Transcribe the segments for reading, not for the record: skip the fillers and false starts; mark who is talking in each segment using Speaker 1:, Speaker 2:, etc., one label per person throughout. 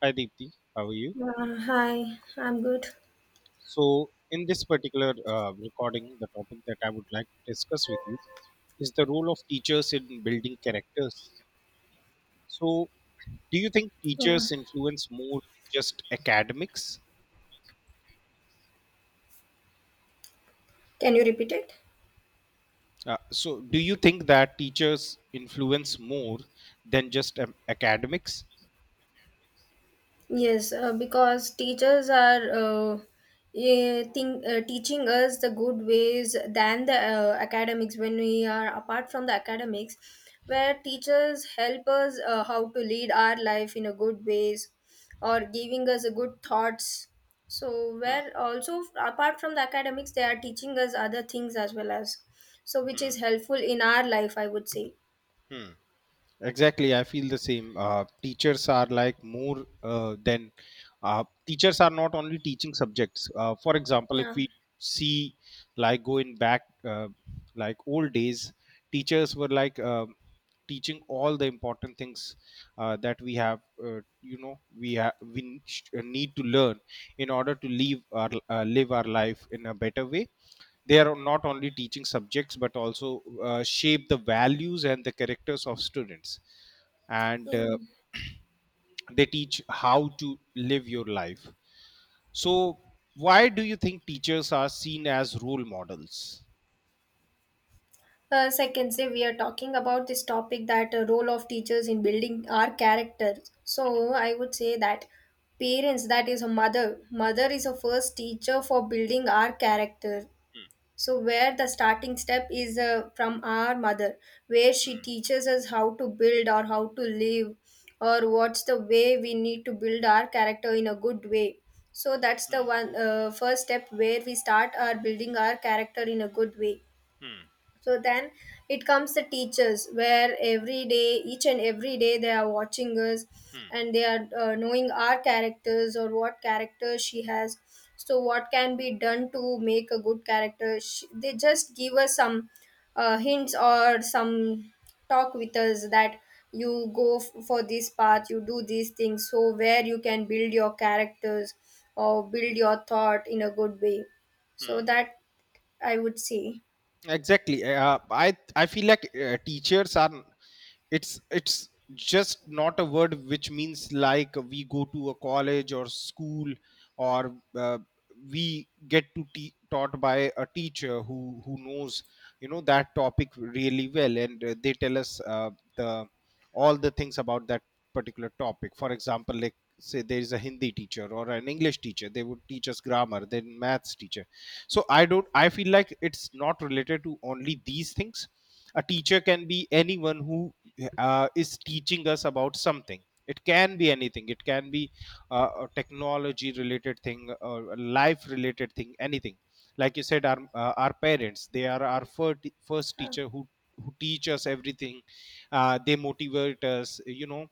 Speaker 1: Hi Deepti, how are you?
Speaker 2: Hi, I'm good.
Speaker 1: So, in this particular recording, the topic that I would like to discuss with you is the role of teachers in building characters. So, do you think
Speaker 2: Yeah.
Speaker 1: teachers influence more just academics?
Speaker 2: Can you repeat it?
Speaker 1: So, do you think that teachers influence more than just academics?
Speaker 2: Yes, because teachers are teaching us the good ways than the academics. When we are apart from the academics, where teachers help us how to lead our life in a good ways or giving us a good thoughts. So,
Speaker 1: Hmm,
Speaker 2: where also apart from the academics, they are teaching us other things as well as so which
Speaker 1: hmm,
Speaker 2: is helpful in our life, I would say.
Speaker 1: hmm. Exactly, I feel the same. Teachers are like more than teachers are not only teaching subjects. For example, if
Speaker 2: Yeah.
Speaker 1: we see like going back like old days, teachers were like teaching all the important things that we have. You know, we need to learn in order to live our life in a better way. They are not only teaching subjects but also shape the values and the characters of students and
Speaker 2: Yeah.
Speaker 1: They teach how to live your life. So why do you think teachers are seen as role models?
Speaker 2: As I can say, we are talking about this topic that role of teachers in building our character. So I would say that parents, that is a mother, mother is a first teacher for building our character. So where the starting step is from our mother, where she
Speaker 1: Hmm,
Speaker 2: teaches us how to build or how to live, or what's the way we need to build our character in a good way. So that's the
Speaker 1: hmm,
Speaker 2: one first step where we start our building our character in a good way. So then it comes the teachers where every day, each and every day, they are watching us
Speaker 1: hmm, hmm, hmm,
Speaker 2: and they are knowing our characters or what character she has. So, what can be done to make a good character? Sh They just give us some hints or some talk with us that you go for this path, you do these things. So, where you can build your characters or build your thought in a good way. So,
Speaker 1: hmm.
Speaker 2: that I would say.
Speaker 1: Exactly, I feel like teachers are it's just not a word which means like we go to a college or school or we get to taught by a teacher who knows, you know, that topic really well, and they tell us the all the things about that particular topic. For example, like, say there is a Hindi teacher or an English teacher, they would teach us grammar, then maths teacher. So I feel like it's not related to only these things. A teacher can be anyone who is teaching us about something. It can be anything. It can be a technology related thing or a life related thing, anything. Like you said, our parents, they are our first
Speaker 2: uh,
Speaker 1: teacher who teach us everything. They motivate us, you know,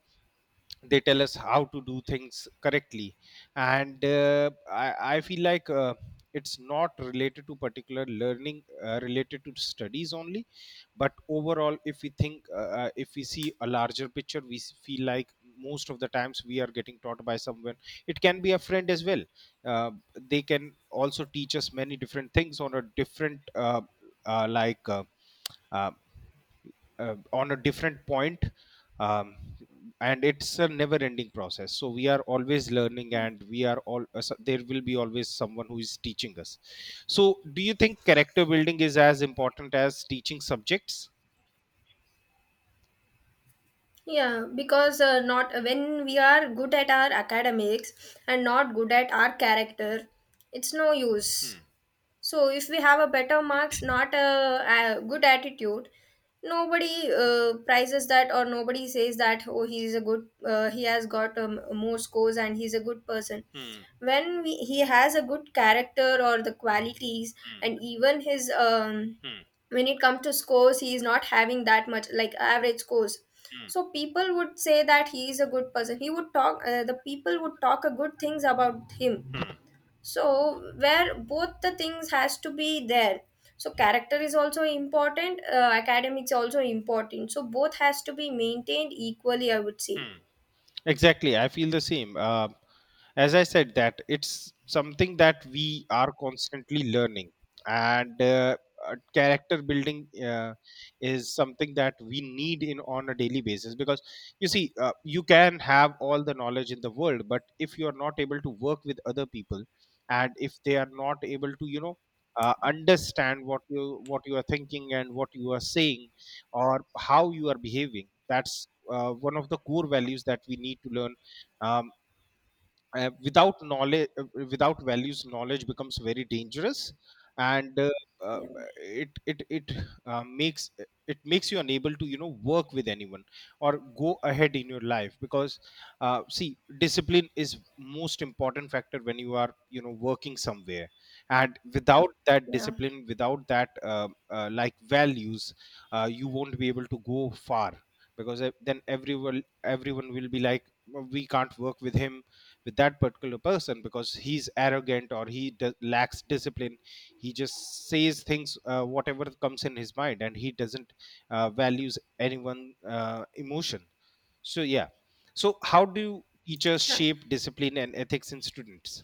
Speaker 1: they tell us how to do things correctly. And I feel like it's not related to particular learning related to studies only, but overall, if we think, if we see a larger picture, we feel like most of the times we are getting taught by someone. It can be a friend as well. uh, they can also teach us many different things on a different uh, like uh, uh, on a different point. um, and it's a never ending process, so we are always learning and we are all so there will be always someone who is teaching us. So do you think character building is as important as teaching subjects?
Speaker 2: Yeah, because not when we are good at our academics and not good at our character, it's no use. So if we have a better marks, not a good attitude, nobody prizes that, or nobody says that oh he is a good he has got more scores and he's a good person.
Speaker 1: Hmm.
Speaker 2: When we, he has a good character or the qualities,
Speaker 1: Hmm.
Speaker 2: and even his
Speaker 1: Hmm.
Speaker 2: when it comes to scores he is not having that much, like average scores, so people would say that he is a good person, he would talk the people would talk a good things about
Speaker 1: Hmm.
Speaker 2: him.
Speaker 1: Hmm.
Speaker 2: So where both the things has to be there, so character is also important, academics also important, so both has to be maintained equally, I would say.
Speaker 1: Hmm. Exactly, I feel the same. As I said, that it's something that we are constantly learning, and character building is something that we need in on a daily basis. Because you see, you can have all the knowledge in the world, but if you are not able to work with other people, and if they are not able to, you know, understand what you are thinking and what you are saying, or how you are behaving. That's one of the core values that we need to learn. um, Without knowledge, without values, knowledge becomes very dangerous. And uh,
Speaker 2: Yeah.
Speaker 1: it it it uh, makes it makes you unable to, you know, work with anyone or go ahead in your life. Because see, discipline is most important factor when you are, you know, working somewhere. And without that
Speaker 2: Yeah.
Speaker 1: discipline, without that like values, you won't be able to go far. Because then everyone, everyone will be like, "Well, we can't work with him, with that particular person because he's arrogant or he lacks discipline. He just says things, whatever comes in his mind, and he doesn't values anyone, emotion." So yeah, so how do teachers shape discipline and ethics in students?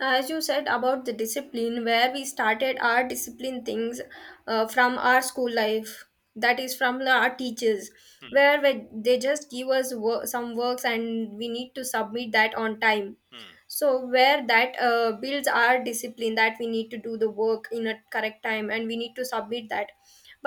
Speaker 2: As you said about the discipline, where we started our discipline things from our school life, that is from our teachers, where they just give us some works and we need to submit that on time.
Speaker 1: Hmm, hmm,
Speaker 2: So where that builds our discipline, that we need to do the work in a correct time and we need to submit that.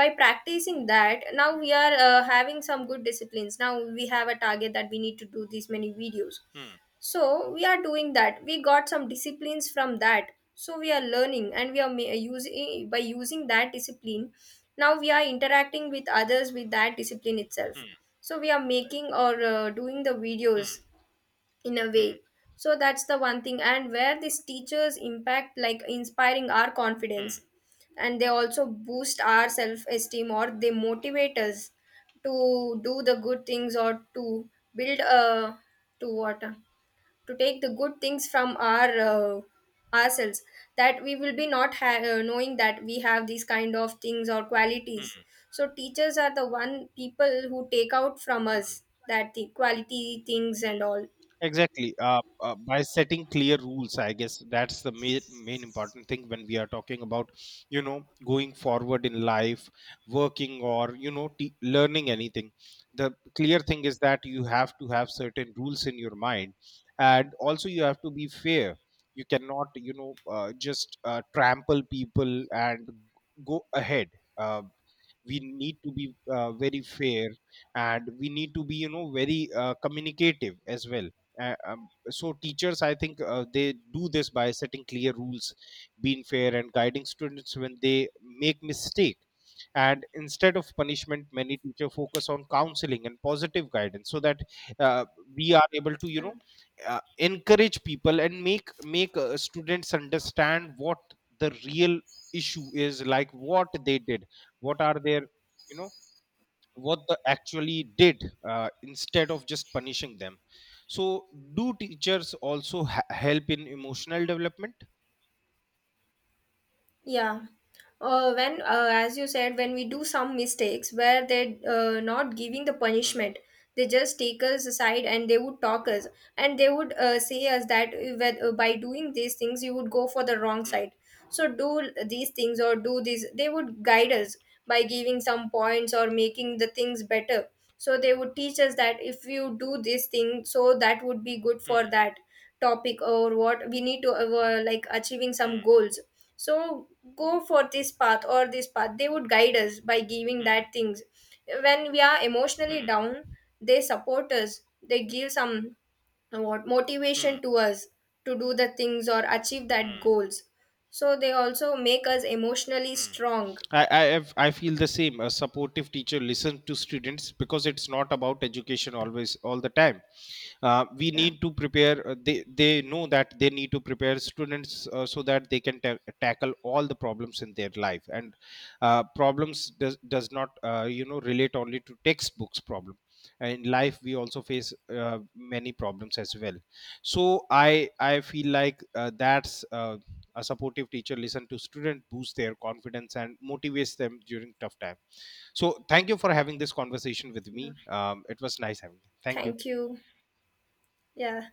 Speaker 2: By practicing that now we are having some good disciplines. Now we have a target that we need to do these many videos,
Speaker 1: hmm,
Speaker 2: so we are doing that, we got some disciplines from that, so we are learning and we are using, by using that discipline now we are interacting with others with that discipline itself.
Speaker 1: hmm,
Speaker 2: So we are making or doing the videos
Speaker 1: hmm,
Speaker 2: in a
Speaker 1: hmm,
Speaker 2: way. So that's the one thing, and where these teachers impact like inspiring our confidence,
Speaker 1: hmm.
Speaker 2: and they also boost our self esteem or they motivate us to do the good things, or to build a, to what to take the good things from our ourselves, that we will be not knowing that we have these kind of things or qualities. So teachers are the one people who take out from us that the quality things and all.
Speaker 1: Exactly. By setting clear rules, I guess that's the main, main important thing when we are talking about, you know, going forward in life, working, or, you know, learning anything. The clear thing is that you have to have certain rules in your mind. And also, you have to be fair. You cannot, you know, just trample people and go ahead. Uh, we need to be very fair, and we need to be, you know, very communicative as well. uh, um, so teachers, I think, they do this by setting clear rules, being fair, and guiding students when they make mistake. And instead of punishment, many teacher focus on counseling and positive guidance so that uh, we are able to, you know, encourage people and make students understand what the real issue is, like what they did, what are their, you know, what they actually did, instead of just punishing them. So do teachers also help in emotional development?
Speaker 2: Yeah. When, as you said, when we do some mistakes where they're not giving the
Speaker 1: Hmm.
Speaker 2: punishment, they just take us aside and they would talk us, and they would say us that by doing these things you would go for the wrong
Speaker 1: Hmm.
Speaker 2: side. So do these things or do this. They would guide
Speaker 1: Hmm.
Speaker 2: us by giving some points or making the things better. So they would teach us that if you do this thing, so that would be good for that topic, or what we need to like achieving
Speaker 1: Hmm.
Speaker 2: some
Speaker 1: Hmm.
Speaker 2: goals, so go for this path or this path, they would guide us by giving
Speaker 1: Hmm.
Speaker 2: that things. When we are emotionally
Speaker 1: Hmm.
Speaker 2: down they support us, they give some what
Speaker 1: Hmm.
Speaker 2: motivation to us to do the things or achieve that
Speaker 1: Hmm.
Speaker 2: goals, so they also make us emotionally
Speaker 1: Hmm.
Speaker 2: strong.
Speaker 1: I I feel the same. A supportive teacher listens to students because it's not about education always all the time. We
Speaker 2: Yeah.
Speaker 1: need to prepare. They know that they need to prepare students so that they can tackle all the problems in their life. And problems does not, you know, relate only to textbooks problem. In life, we also face many problems as well. So I feel like that's a supportive teacher listens to student, boosts their confidence, and motivates them during tough time. So thank you for having this conversation with
Speaker 2: Yeah.
Speaker 1: me. It was nice having you. Thank you.
Speaker 2: Thank you. Yeah.